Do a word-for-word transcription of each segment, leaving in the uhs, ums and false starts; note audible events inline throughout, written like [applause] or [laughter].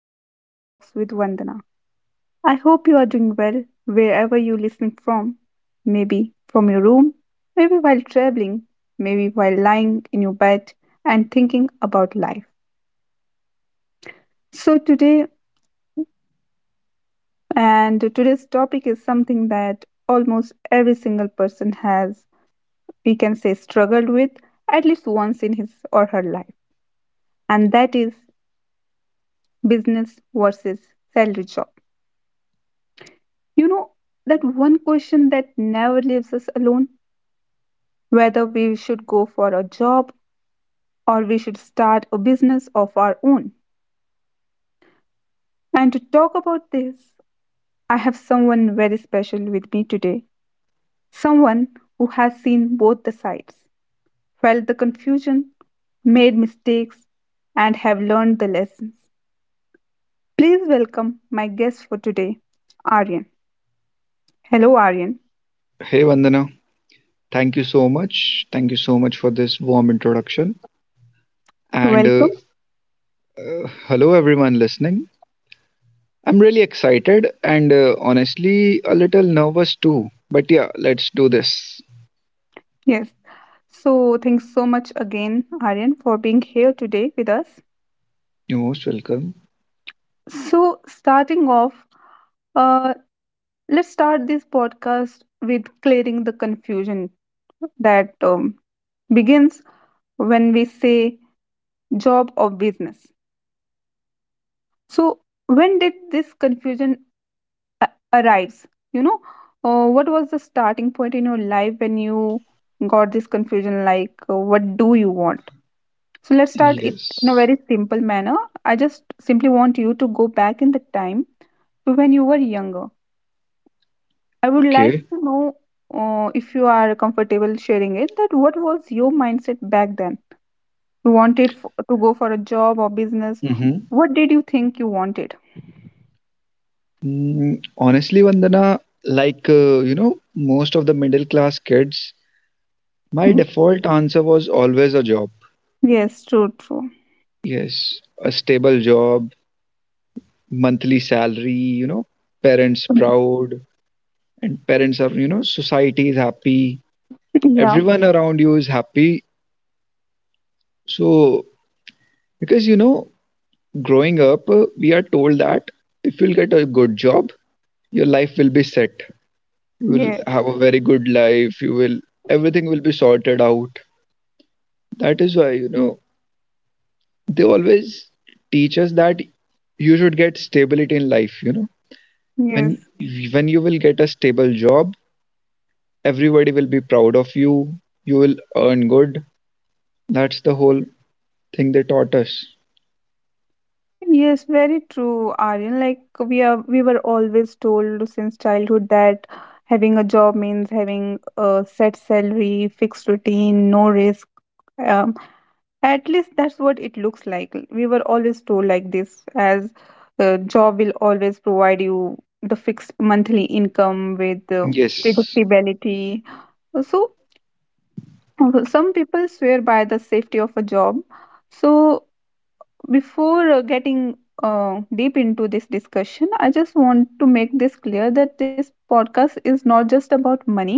to Real Talks with Vandana. I hope you are doing well wherever you're listening from. Maybe from your room, maybe while traveling, maybe while lying in your bed and thinking about life. So, today, and today's topic is something that almost every single person has, we can say, struggled with at least once in his or her life, and that is business versus salary job. You know, that one question that never leaves us alone, whether we should go for a job or we should start a business of our own. And to talk about this, I have someone very special with me today. Someone who has seen both the sides, felt the confusion, made mistakes, and have learned the lessons. Please welcome my guest for today, Aryan. Hello, Aryan. Hey Vandana, thank you so much. Thank you so much for this warm introduction. And uh, Welcome. Uh, hello everyone listening. I'm really excited and uh, honestly a little nervous too. But yeah, let's do this. Yes. So, thanks so much again, Aryan, for being here today with us. You're most welcome. So, starting off, uh, let's start this podcast with clearing the confusion that um, begins when we say job or business. So, when did this confusion a- arise? You know, uh, what was the starting point in your life when you got this confusion? Like, uh, what do you want? So let's start it in a Yes. very simple manner. I just simply want you to go back in the time to when you were younger. I would like Okay. to know, uh, if you are comfortable sharing it, that what was your mindset back then? You wanted f- to go for a job or business. Mm-hmm. What did you think you wanted? [laughs] Mm, honestly, Vandana, like uh, you know, most of the middle class kids, my Hmm. default answer was always a job. Yes, true, true. Yes, a stable job, monthly salary, you know, parents [laughs] proud, and parents are, you know, society is happy, Yeah, everyone around you is happy. So, because you know, growing up uh, we are told that if you'll get a good job your life will be set, you will yeah, have a very good life, you will, everything will be sorted out. That is why, you know, they always teach us that you should get stability in life, you know. when yes. when you will get a stable job, everybody will be proud of you, you will earn good. That's the whole thing they taught us. Yes, very true, Aryan. Like we are, we were always told since childhood that having a job means having a set salary, fixed routine, no risk. Um, at least that's what it looks like. We were always told like this, as a job will always provide you the fixed monthly income with, uh, Yes. predictability. So some people swear by the safety of a job. So before, uh, getting uh, deep into this discussion, I just want to make this clear, that this podcast is not just about money,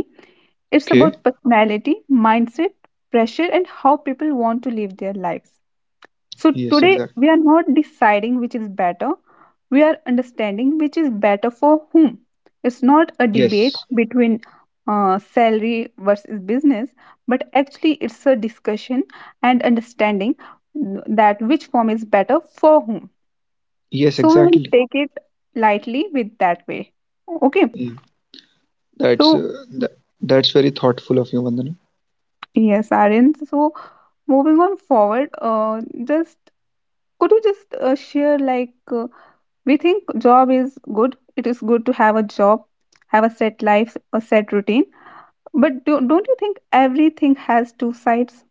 it's Okay. about personality, mindset, pressure, and how people want to live their lives. So Yes. today Exactly. we are not deciding which is better, we are understanding which is better for whom. It's not a debate Yes. between, uh, salary versus business, but actually it's a discussion and understanding that which form is better for whom. Yes. So we will Exactly. take it lightly with that way. Okay. Yeah. That's So, uh, that, that's very thoughtful of you, Vandana. yes, Aryan. So moving on forward, uh, just could you just uh, share, like, uh, we think job is good, it is good to have a job, have a set life, a set routine, but do, don't you think everything has two sides,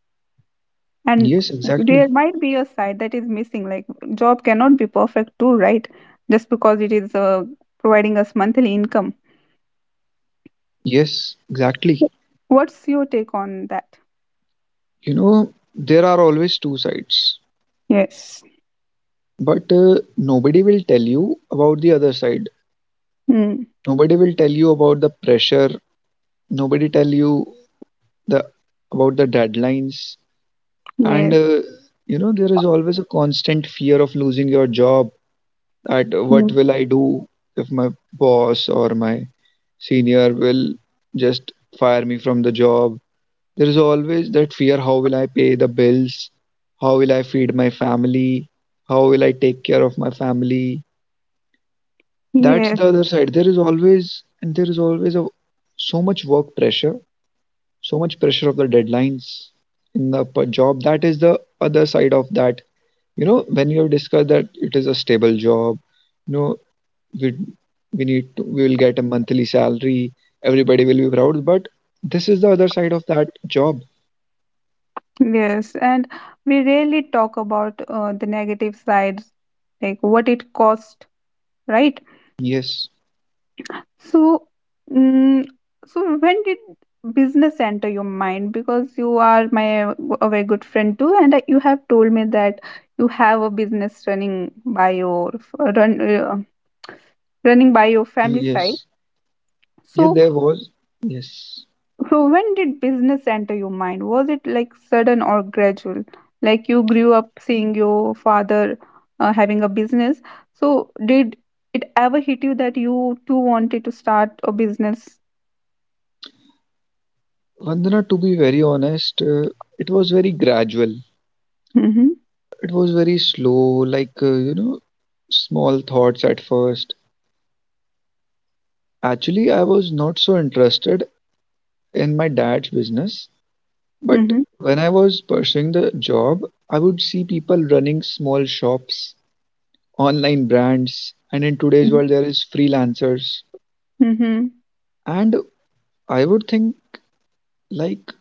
and Yes. there Exactly. might be a side that is missing? Like, job cannot be perfect too, right? Just because it is uh, providing us monthly income, Yes. Exactly. what's your take on that? You know there are always two sides, Yes. but uh, nobody will tell you about the other side. Mm. Nobody will tell you about the pressure. Nobody tell you the about the deadlines. And Yes. Uh, you know, there is always a constant fear of losing your job. At what Mm. will I do if my boss or my senior will just fire me from the job? There is always that fear, how will I pay the bills? How will I feed my family? How will I take care of my family? That's Yes. the other side. There is always, and there is always a, so much work pressure, so much pressure of the deadlines in the p- job. That is the other side of that. You know, when you have discussed that it is a stable job, no, we we need to, we will get a monthly salary, everybody will be proud, but this is the other side of that job. Yes. And we rarely talk about uh, the negative sides, like what it cost, right? Yes. So, mm, so when did business enter your mind? Because you are my, a very good friend too, and you have told me that you have a business running by your run uh, running by your family side. Yes. Yeah, So, there was, yes. so when did business enter your mind? Was it like sudden or gradual? Like you grew up seeing your father uh, having a business. So, did it ever hit you that you too wanted to start a business? Vandana, to be very honest, uh, it was very gradual, Mm-hmm. it was very slow, like uh, you know, small thoughts at first. Actually, I was not so interested in my dad's business, but Mhm. when I was pursuing the job, I would see people running small shops, online brands, and in today's Mhm. world, there is freelancers. Mhm. And I would think like,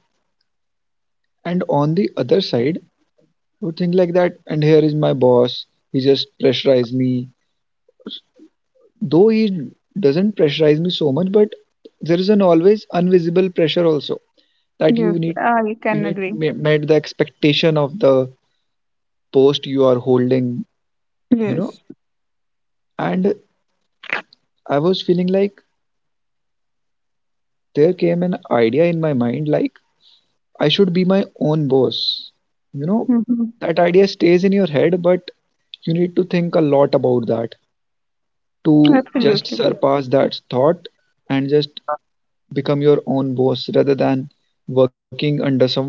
and on the other side, I would think like that, and here is my boss, he just pressurized me. Though he doesn't pressurize me so much, but there is an always invisible pressure also that Yes, you need I you can need agree. ma- met the expectation of the post you are holding, you know. Yes. And I was feeling like, there came an idea in my mind like, I should be my own boss. You know, Hmm. that idea stays in your head, but you need to think a lot about that to just Absolutely. surpass that thought and just become your own boss rather than working under someone.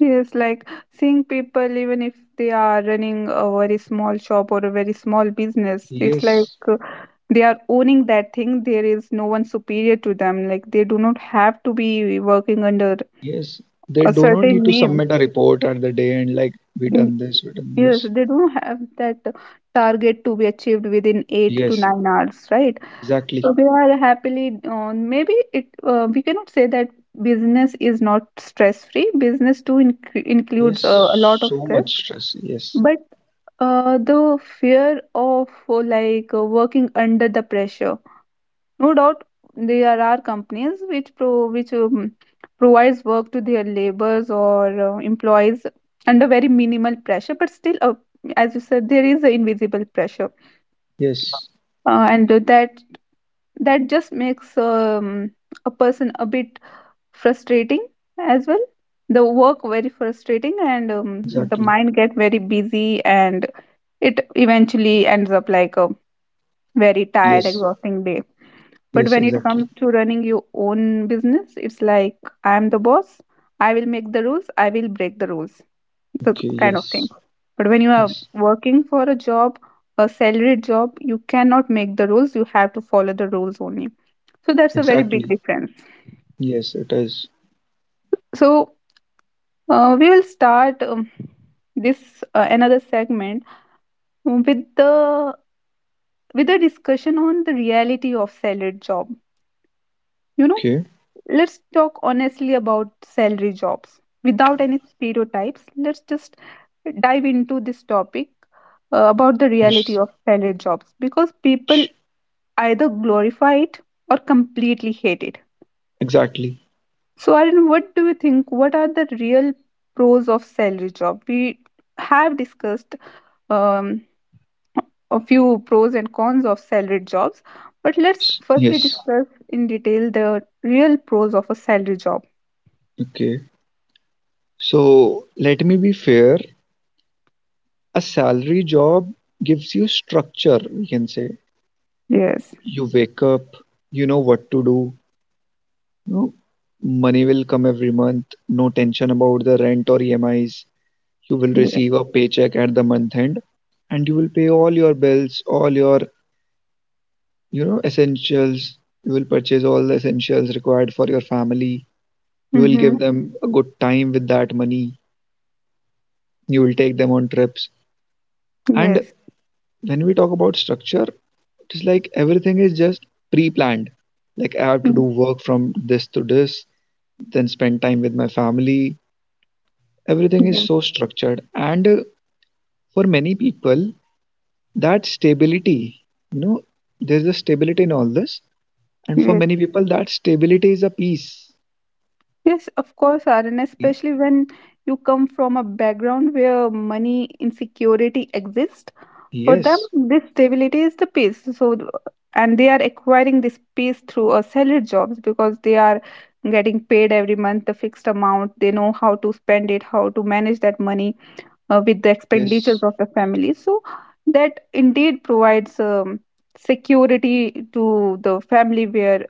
Yes, like seeing people, even if they are running a very small shop or a very small business, it's like Yes, uh, they are owning that thing. There is no one superior to them. Like they do not have to be working under yes. They a do not need certain to name. submit a report at the day and like, we Mm. done this, we done Yes, this. they don't have that target to be achieved within eight to Yes, nine hours, right? exactly. So they are happily on. Maybe it uh, we cannot say that business is not stress free. Business too inc- includes uh, a Yes, lot of so stress, much stress. Yes, but uh, the fear of, uh, like uh, working under the pressure. No doubt there are companies which pro which um, provides work to their laborers or uh, employees under very minimal pressure, but still, uh, as you said, there is an invisible pressure, yes, uh, and that that just makes, um, a person a bit frustrating as well, the work very frustrating, and um, the exactly. mind get very busy, and it eventually ends up like a very tired, Yes, exhausting day. But yes, when it comes exactly. to running your own business, it's like, I am the boss, I will make the rules, I will break the rules, that Okay, kind of thing. yes, But when you are yes, working for a job, a salaried job, you cannot make the rules, you have to follow the rules only. So that's a very big exactly. difference. Yes, it is. So, uh, we will start, um, this uh, another segment with the with a discussion on the reality of salary job. You know, Okay. let's talk honestly about salary jobs without any stereotypes. Let's just dive into this topic uh, about the reality Yes. of salary jobs, because people either glorify it or completely hate it. Exactly. So, Arun, what do you think? What are the real pros of salary job? We have discussed, um, a few pros and cons of salaried jobs, but let's firstly Yes. discuss in detail the real pros of a salary job. Okay. So let me be fair. A salary job gives you structure, we can say. Yes. You wake up, you know what to do. You know, money will come every month, no tension about the rent or E M Is. You will Yes. receive a paycheck at the month end and you will pay all your bills, all your, you know, essentials. You will purchase all the essentials required for your family, you will Mm-hmm. give them a good time with that money, you will take them on trips. And Yes. when we talk about structure, it is like everything is just pre-planned, like I have to do Mm. work from this to this, then spend time with my family. Everything is Yes. so structured. And uh, for many people, that stability, you know, there's a stability in all this, and for Yes. many people that stability is a peace. Yes, of course, Arun, Y- especially when you come from a background where money insecurity exists. For them, yes. this stability is the peace. So, th- and they are acquiring this peace through a salary jobs, because they are getting paid every month the fixed amount. They know how to spend it, how to manage that money, uh, with the expenditures Yes, of the family. So, that indeed provides, um, security to the family where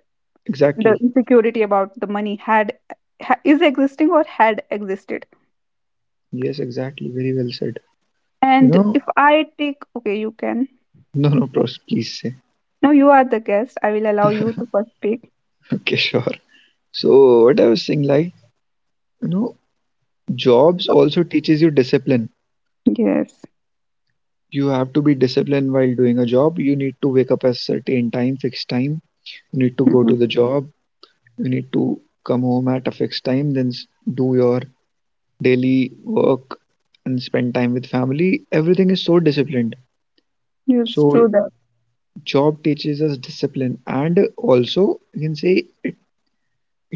the exactly. insecurity about the money had ha- is existing or had existed. Yes, exactly. Very well said. You And if know, I take, okay, you can. no, no, bros, please say. [laughs] No, you are the guest. I will allow you to first speak. Okay, sure. So what I was saying, like, you know, jobs also teaches you discipline. Yes. You have to be disciplined while doing a job. You need to wake up at certain time, fixed time. You need to go Mm-hmm. to the job. You need to come home at a fixed time, then s- do your daily work and spend time with family. Everything is so disciplined. Yes, So true that. job teaches us discipline and also you can say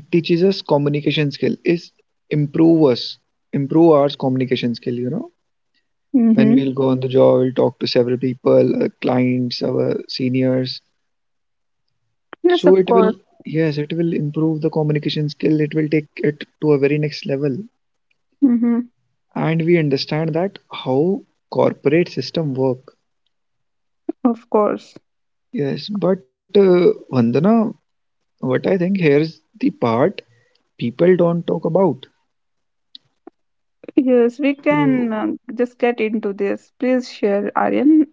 it teaches us communication skill, is improve us, improve our communication skill, you know. When Mm-hmm. we'll go on the job we'll talk to several people, uh, clients, our seniors, Yes, so of it will, course. yes, it will improve the communication skill, it will take it to a very next level. Mm-hmm. And we understand that how corporate system work. Of course. Yes, but uh, Vandana, what I think here is the part people don't talk about. Yes, we so, can, um, just get into this. Please share, Aryan,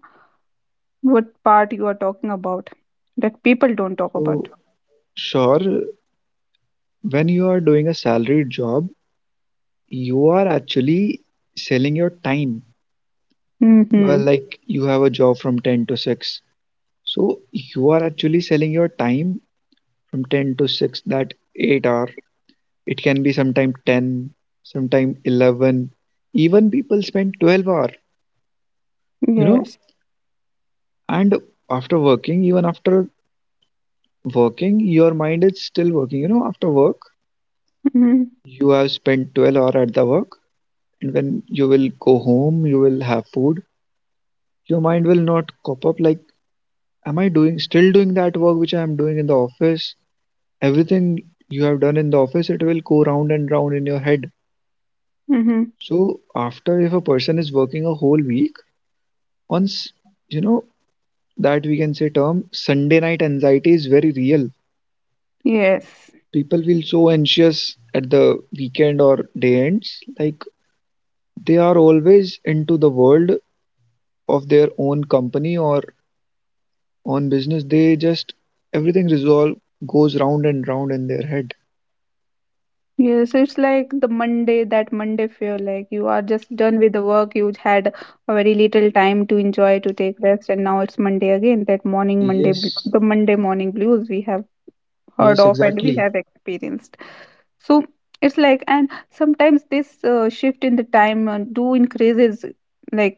what part you are talking about that people don't talk about. so sure, when you are doing a salaried job, you are actually selling your time. You are Mm-hmm. like, you have a job from ten to six. So you are actually selling your time from ten to six, that eight hour. It can be sometime ten, sometime eleven. Even people spend twelve hour, you know, Yes. and after working, even after working, your mind is still working. You know, after work, Mm-hmm. you have spent twelve hour at the work, and when you will go home, you will have food. Your mind will not cop up like, am I doing, still doing that work which I am doing in the office? Everything you have done in the office, it will go round and round in your head. Mm-hmm. So after, if a person is working a whole week, once, you know, that we can say term Sunday night anxiety is very real. Yes. People feel so anxious at the weekend or day ends, like they are always into the world of their own company or own business. They just, everything resolve goes round and round in their head. Yes, it's like the Monday, that Monday feel like you are just done with the work. You had a very little time to enjoy, to take rest, and now it's Monday again. That morning, Monday, bl- Yes. the Monday morning blues we have heard Yes, of and we exactly. have experienced. So it's like, and sometimes this uh, shift in the time uh, do increases, like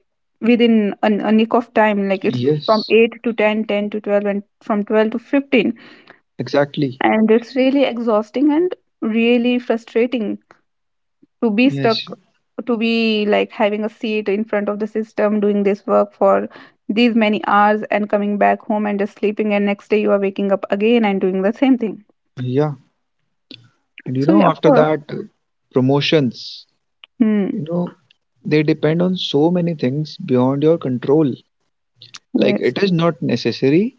within a, a nick of time, like it's from Yes, eight to ten, ten to twelve, and from twelve to fifteen, exactly. and it's really exhausting and really frustrating to be Yes, stuck, to be like having a seat in front of the system doing this work for these many hours and coming back home and just sleeping, and next day you are waking up again and doing the same thing. yeah. And you So know, yeah, of after course. that, uh, promotions, you Hmm. know, they depend on so many things beyond your control. Like, Yes. it is not necessary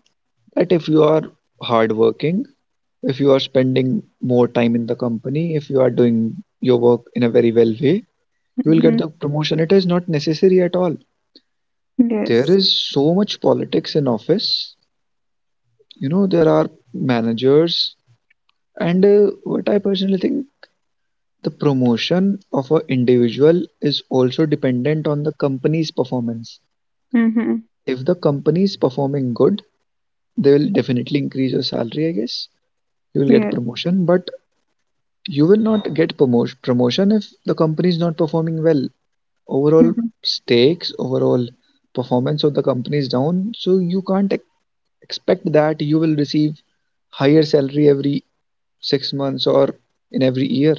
that if you are hardworking, if you are spending more time in the company, if you are doing your work in a very well way, you will get Mhm. the promotion. It is not necessary at all. There Yes. is so much politics in office. You know, there are managers and uh, what I personally think, the promotion of an individual is also dependent on the company's performance. Mhm. If the company is performing good, they will definitely increase your salary, I guess. You will get Yes. promotion, but you will not get promotion promotion if the company is not performing well. Overall Mhm. stakes, overall performance of the company is down, so you can't ex- expect that you will receive higher salary every six months or in every year.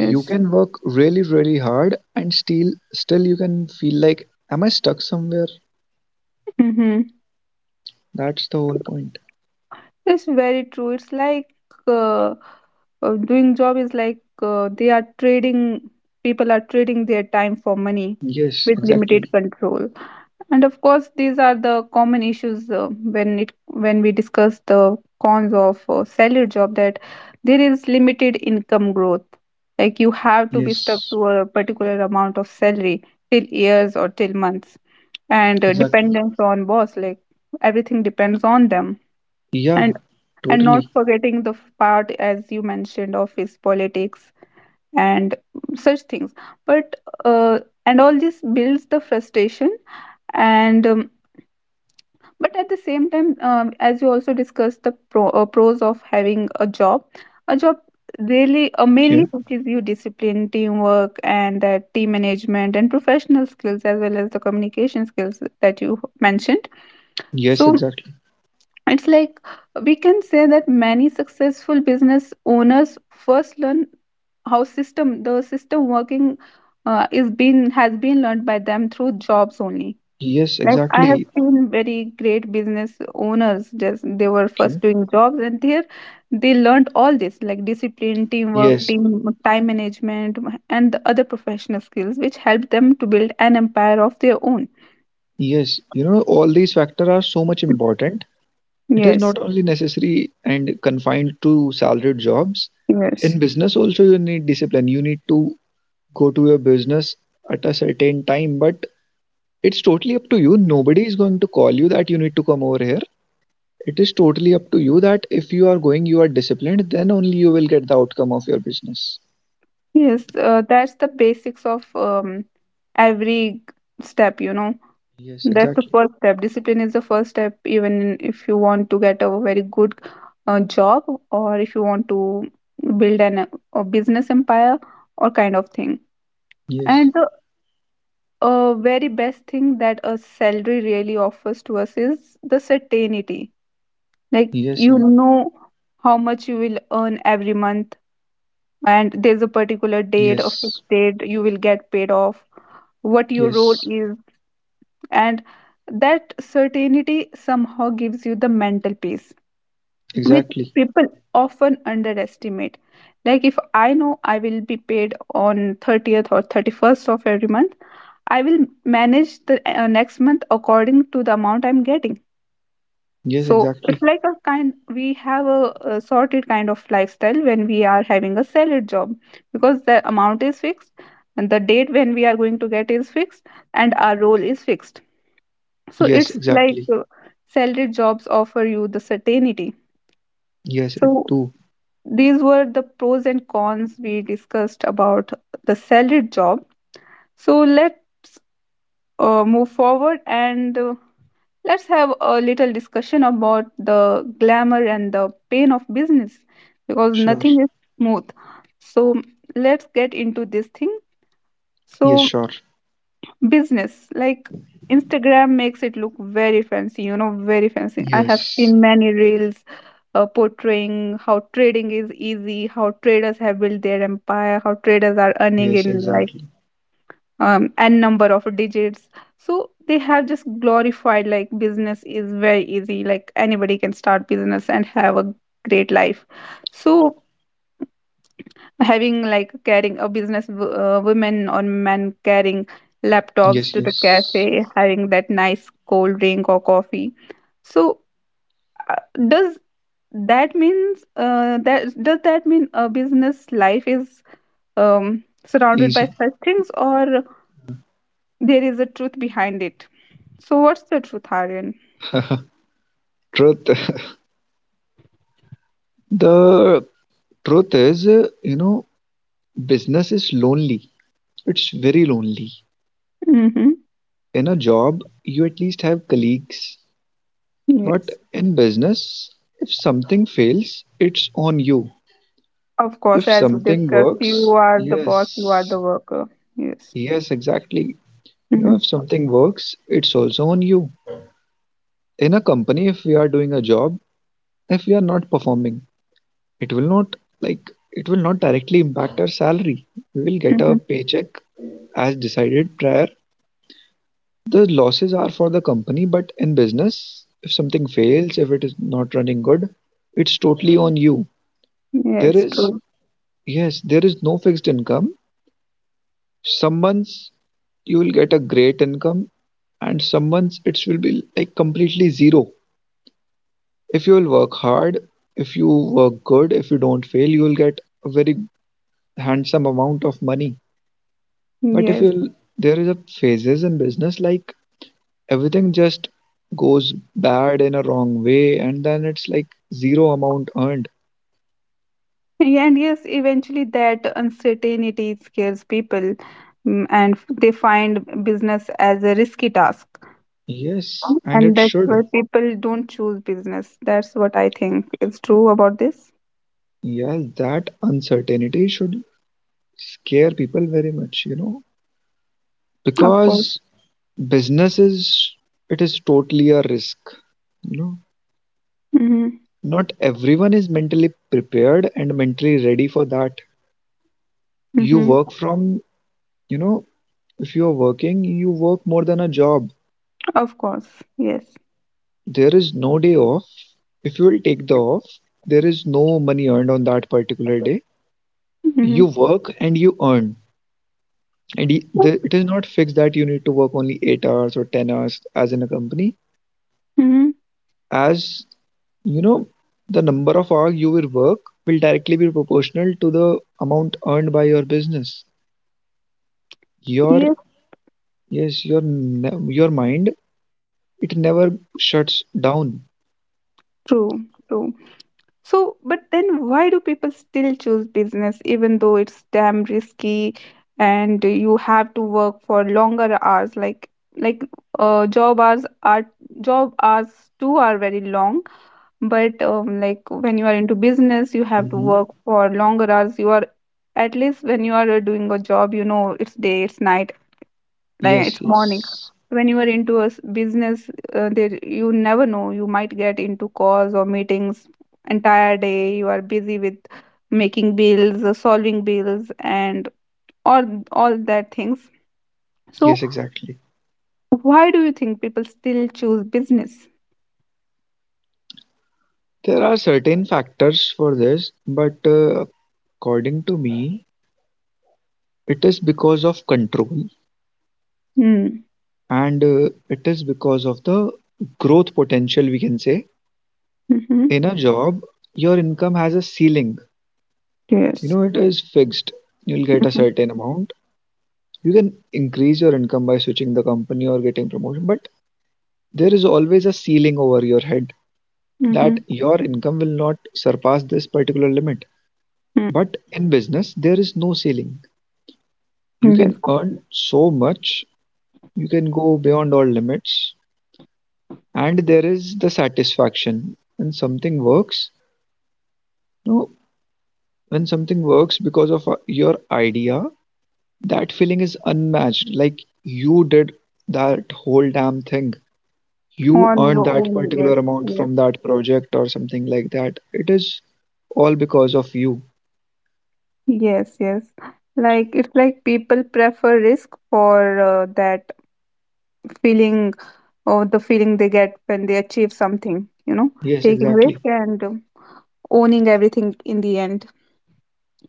You can work really, really hard and still still you can feel like, am I stuck somewhere? Mhm. That's the whole point. It's very true. It's like, uh, uh, doing job is like, uh, they are trading. People are trading their time for money Yes, with limited exactly. control. And of course, these are the common issues, uh, when it, when we discuss the cons of, uh, salary job, that there is limited income growth. Like you have to be stuck Yes, to a particular amount of salary till years or till months, and uh, exactly. dependence on boss, like everything depends on them, Yeah, and and not totally. forgetting the f- part, as you mentioned, office politics and such things. But uh, and all this builds the frustration, and, um, but at the same time, um, as you also discussed the pro, uh, pros of having a job a job really Okay. uh, mainly teaches you discipline, teamwork, and that team management and professional skills, as well as the communication skills that you mentioned. Yes, So exactly. it's like, we can say that many successful business owners first learn how system the system working uh, is been has been learned by them through jobs only. Yes, Like I have exactly. seen very great business owners, just they were first Okay. doing jobs, and there they learned all this, like discipline, teamwork, Yes, team time management, and the other professional skills which helped them to build an empire of their own. yes. You know, all these factors are so much important. It is Yes, not only necessary and confined to salaried jobs. yes, In business also you need discipline. You need to go to your business at a certain time, but it's totally up to you. Nobody is going to call you that you need to come over here. It is totally up to you that if you are going, you are disciplined, then only you will get the outcome of your business. yes. Uh, that's the basics of, um, every step, you know. Yes, That's the exactly. first step. Discipline is the first step, even in- if you want to get a very good uh, job, or if you want to build an, a business empire or kind of thing. Yes, And the uh, very best thing that a salary really offers to us is the certainty. Like, yes, you know how much you will earn every month, and there's a particular date, a yes, fixed date you will get paid off, what your role yes, is, and that certainty somehow gives you the mental peace which exactly. people often underestimate. Like, if I know I will be paid on thirtieth or thirty-first of every month, I will manage the uh, next month according to the amount I'm getting. Yes, So it's exactly. like a kind, we have a, a sorted kind of lifestyle when we are having a salary job, because the amount is fixed, and the date when we are going to get is fixed, and our role is fixed. So Yes, it's like, exactly. uh, salaried jobs offer you the certainty. Yes, it So too. these were the pros and cons we discussed about the salaried job. So let's uh, move forward and uh, let's have a little discussion about the glamour and the pain of business, because Sure. nothing is smooth. So let's get into this thing. Yes, So sure. business, like Instagram makes it look very fancy, you know, very fancy. I have Yes, seen many reels uh, portraying how trading is easy, how traders have built their empire, how traders are earning yes, in like exactly. Um n number of digits. So they have just glorified like business is very easy, like anybody can start business and have a great life. So having like carrying a business w- uh, women or men carrying Yes, laptops to the yes. cafe, having that nice cold drink or coffee. So uh, does that means uh, that does that mean a business life is um, surrounded by Easy. such things, or there is a truth behind it? So what's the truth, Aryan? [laughs] Truth. [laughs] The truth is, uh, you know, business is lonely. It's very lonely. Mm-hmm. In a job, you at least have colleagues. But Yes, in business, if something fails, it's on you. of course, If as we something discussed, you works, are the boss, you are the yes, worker. Yes. yes, exactly. You know, Mm-hmm. if something works, it's also on you. In a company, if we are doing a job, if we are not performing, it will not like, it will not directly impact our salary. We will get a Mm-hmm. paycheck as decided prior, the losses are for the company, but in business, if something fails, if it is not running good, it's totally on you. There Yes, is, true. yes, there is no fixed income. Some months you will get a great income, and some months it will be like completely zero. If you will work hard, if you work good, if you don't fail, you will get a very handsome amount of money. But if Yes. you'll, there is a phases in business, like everything just goes bad in a wrong way, and then it's like zero amount earned. And yes, eventually that uncertainty scares people. Mm, and f- they find business as a risky task. Yes, and And it that's should. why people don't choose business. That's what I think is true about this. Yes, that uncertainty should scare people very much, you know, Of course. because business is, it is totally a risk, you know. Hmm. Not everyone is mentally prepared and mentally ready for that. You Hmm. work from you know If you are working, you work more than a job. Of course. Yes. There is no day off. If you will take the off, there is no money earned on that particular day. You Hmm. work and you earn. And y- the, it is not fixed that you need to work only eight hours or ten hours as in a company. Hmm. As you know, the number of hours you will work will directly be proportional to the amount earned by your business. Your Yes, Yes, your ne- your mind, it never shuts down. true. True. So, but then why do people still choose business, even though it's damn risky and you have to work for longer hours? like like uh, job hours are, job hours too are very long. But um, like, when you are into business, you have to Hmm. work for longer hours. You are at least, when you are uh, doing a job, you know, it's day, it's night, like it's Yes, morning. yes. When you are into a s- business, uh, there you never know, you might get into calls or meetings. Entire day you are busy with making bills, uh, solving bills and all all that things. So Yes, exactly. why do you think people still choose business? There are certain factors for this, but uh, according to me, it is because of control, Hmm. and uh, it is because of the growth potential, we can say. Mm-hmm. In a job, your income has a ceiling. You Yes. know, it is fixed. You'll get a Mm-hmm. certain amount. You can increase your income by switching the company or getting promotion, but there is always a ceiling over your head, that Mm-hmm. your income will not surpass this particular limit. Hmm. But in business, there is no ceiling. You Yes, can earn so much, you can go beyond all limits. And there is the satisfaction when something works. No, when something works because of uh, your idea, that feeling is unmatched. Like, you did that whole damn thing, you on earned your that own. particular Yes. amount Yes. from that project or something like that. It is all because of you. Yes. Yes. Like, it's like people prefer risk for uh, that feeling, or the feeling they get when they achieve something, you know, Yes, taking risk exactly. and um, owning everything in the end.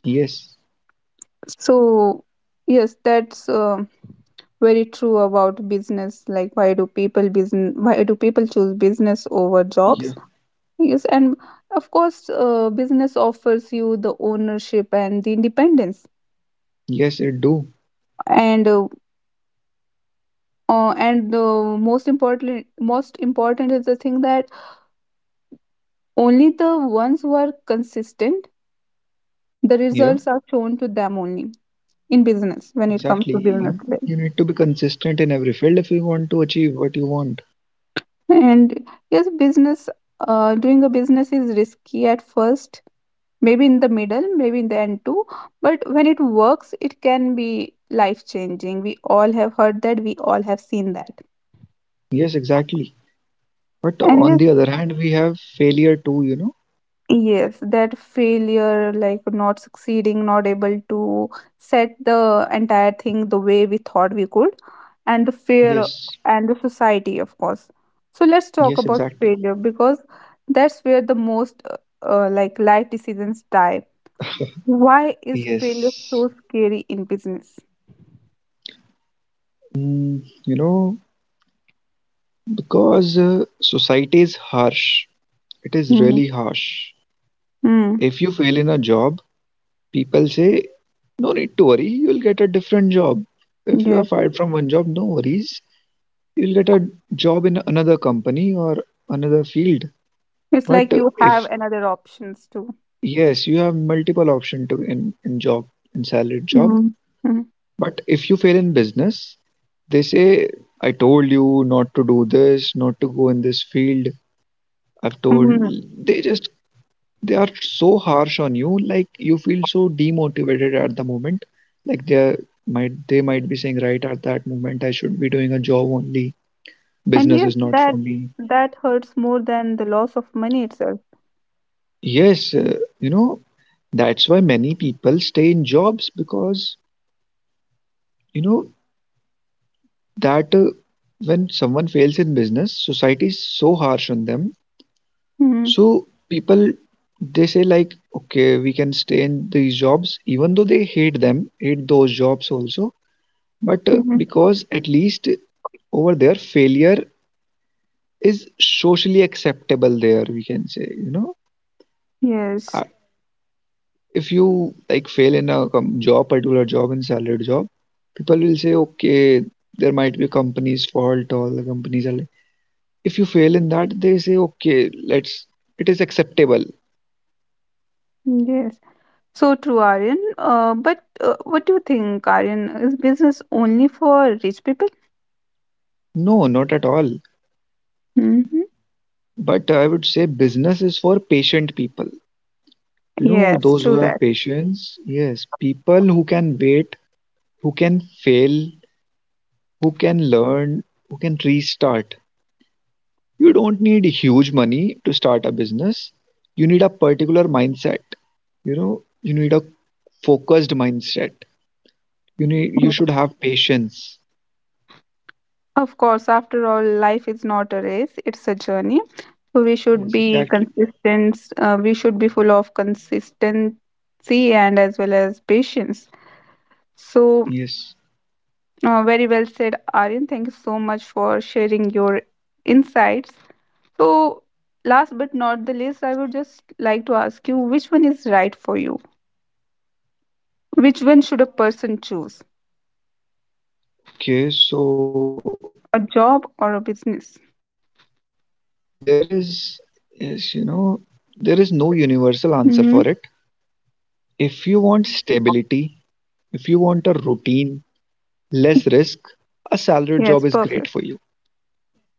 Yes. So, yes, that's um very true about business. Like, why do people business? Why do people choose business over Yeah. jobs? Yes, and of course, uh, business offers you the ownership and the independence, Yes, it do. and uh, uh, and uh, most importantly, most important is the thing that only the ones who are consistent, the Yeah. results are shown to them only in business, when it Exactly. comes to You know, business. you need to be consistent in every field if you want to achieve what you want. And yes, business, uh, doing a business is risky at first, maybe in the middle, maybe in the end too, but when it works, it can be life changing. We all have heard that, we all have seen that. Yes, exactly. But And on yes. the other hand, we have failure too, you know? Yes, that failure, like not succeeding, not able to set the entire thing the way we thought we could, and the fear, Yes. and the society, of course. So let's talk Yes, about exactly. failure, because that's where the most uh, uh, like life decisions die. Why is failure Yes. so scary in business? Mm, you know, because uh, society is harsh. It is Mm-hmm. really harsh. Mm, If you fail in a job, people say, no need to worry, you'll get a different job. If you are yes, fired from one job, no worries. You'll get a job in another company or another field. it's But like uh, you have if another options too. Yes, you have multiple option to in, in job, in salaried job. Mm-hmm. But if you fail in business, they say, I told you not to do this, not to go in this field. I've told they just They are so harsh on you. Like, you feel so demotivated at the moment. Like they are, might, they might be saying right at that moment, I should be doing a job only. And Business yes, is not for that, me. that hurts more than the loss of money itself. Yes, uh, you know, that's why many people stay in jobs because, you know, that uh, when someone fails in business, society is so harsh on them. Hmm. So people, they say like, okay, we can stay in these jobs, even though they hate them, hate those jobs also. But uh, Hmm. because at least over there, failure is socially acceptable. There, we can say, you know, Yes, Uh, if you like fail in a com- job, particular job, in salaried job, people will say, okay, there might be company's fault, all the companies are. If you fail in that, they say, okay, let's, it is acceptable. yes. So true, Aryan. Uh, but uh, what do you think, Aryan? Is business only for rich people? No, not at all. Hmm. But I would say business is for patient people, you know, Yes, those who true have that. patience. Yes, people who can wait, who can fail, who can learn, who can restart. You don't need huge money to start a business. You need a particular mindset, you know. You need a focused mindset. You need, you should have patience. Of course, after all, life is not a race, it's a journey. So we should Yes, be exactly. consistent, uh, we should be full of consistency and as well as patience. So, Yes. Uh, very well said, Aryan. Thank you so much for sharing your insights. So, last but not the least, I would just like to ask you, which one is right for you? Which one should a person choose? Okay, so A job or a there business? is, is, you know, there is no universal answer for it. If Hmm. you want stability, if you want a routine, less risk, a salaried job is great for you. Yes, perfect.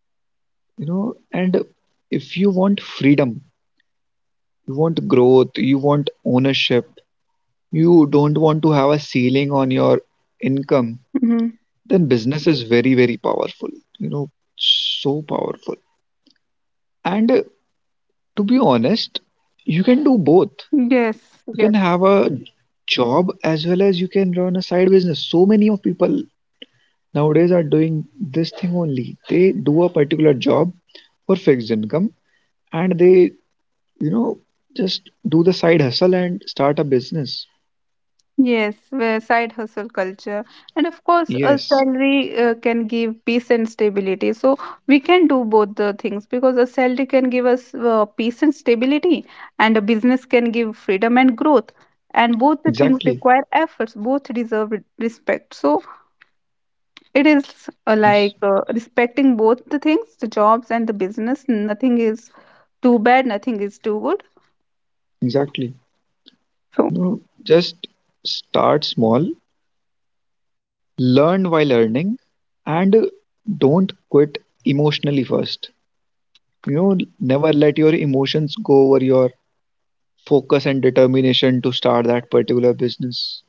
You know, and if you want freedom, you want growth, you want ownership, you don't want to have a ceiling on your income, Hmm. then business is very, very powerful. You know, so powerful. And uh, to be honest, you can do both. You Yes, can yes. have a job as well as you can run a side business. So many of people nowadays are doing this thing only. They do a particular job for fixed income, and they, you know just do the side hustle and start a business. Yes, where side hustle culture. And of course, a Yes, salary uh, can give peace and stability. So we can do both the things, because a salary can give us uh, peace and stability, and a business can give freedom and growth. And both the things exactly. require efforts, both deserve re- respect. So it is uh, Yes, like uh, respecting both the things, the jobs and the business. Nothing is too bad, nothing is too good. exactly. So, You know, just start small, learn while earning, and don't quit emotionally first. You know, never let your emotions go over your focus and determination to start that particular business.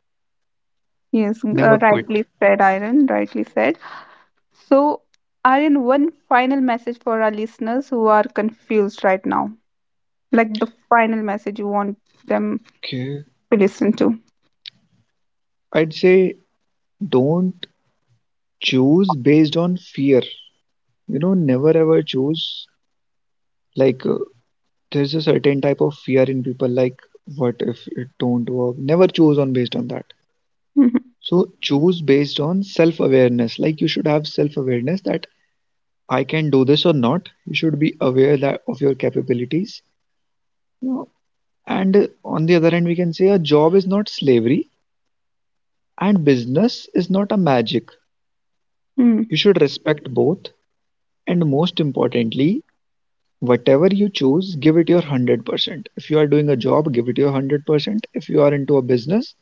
yes, Never uh, rightly quit. said, Iron, rightly said. So, Aryan, one final message for our listeners who are confused right now, like the final message you want them Okay. to listen to. I'd say, don't choose based on fear. You know, never ever choose like uh, there's a certain type of fear in people, like, what if it don't work? Never choose on based on that. Mhm. So choose based on self-awareness. Like, you should have self-awareness that I can do this or not. You should be aware that of your capabilities. You know, and uh, on the other hand, we can say a job is not slavery, and business is not a magic. Mm. You should respect both. And most importantly, whatever you choose, give it your hundred percent. If you are doing a job, give it your hundred percent. If you are into a business,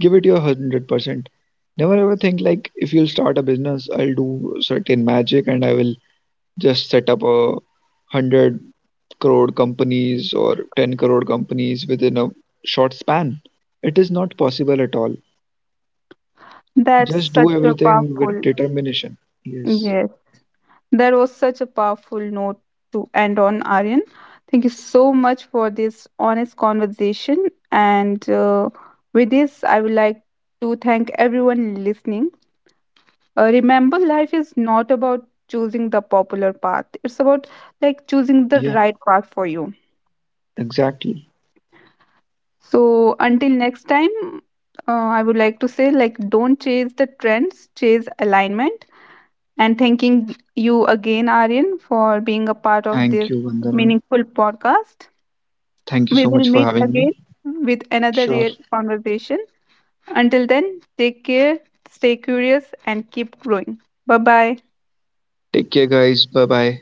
give it your hundred percent. Never ever think like, if you'll start a business, I'll do certain magic and I will just set up a hundred crore companies or ten crore companies within a short span. It is not possible at all. That's Just do such a everything with powerful, determination. Yes. yes, that was such a powerful note to end on, Aryan. Thank you so much for this honest conversation. And uh, with this, I would like to thank everyone listening. Uh, remember, life is not about choosing the popular path, it's about like choosing the Yeah. right path for you. Exactly. So until next time, uh, I would like to say, like, don't chase the trends, chase alignment. And thanking you again, Aryan, for being a part of Thank this you, Vandana. meaningful podcast. Thank you We so will much for meet having again me. with another Sure. real conversation. Until then, take care, stay curious and keep growing. Bye bye. Take care, guys. Bye bye.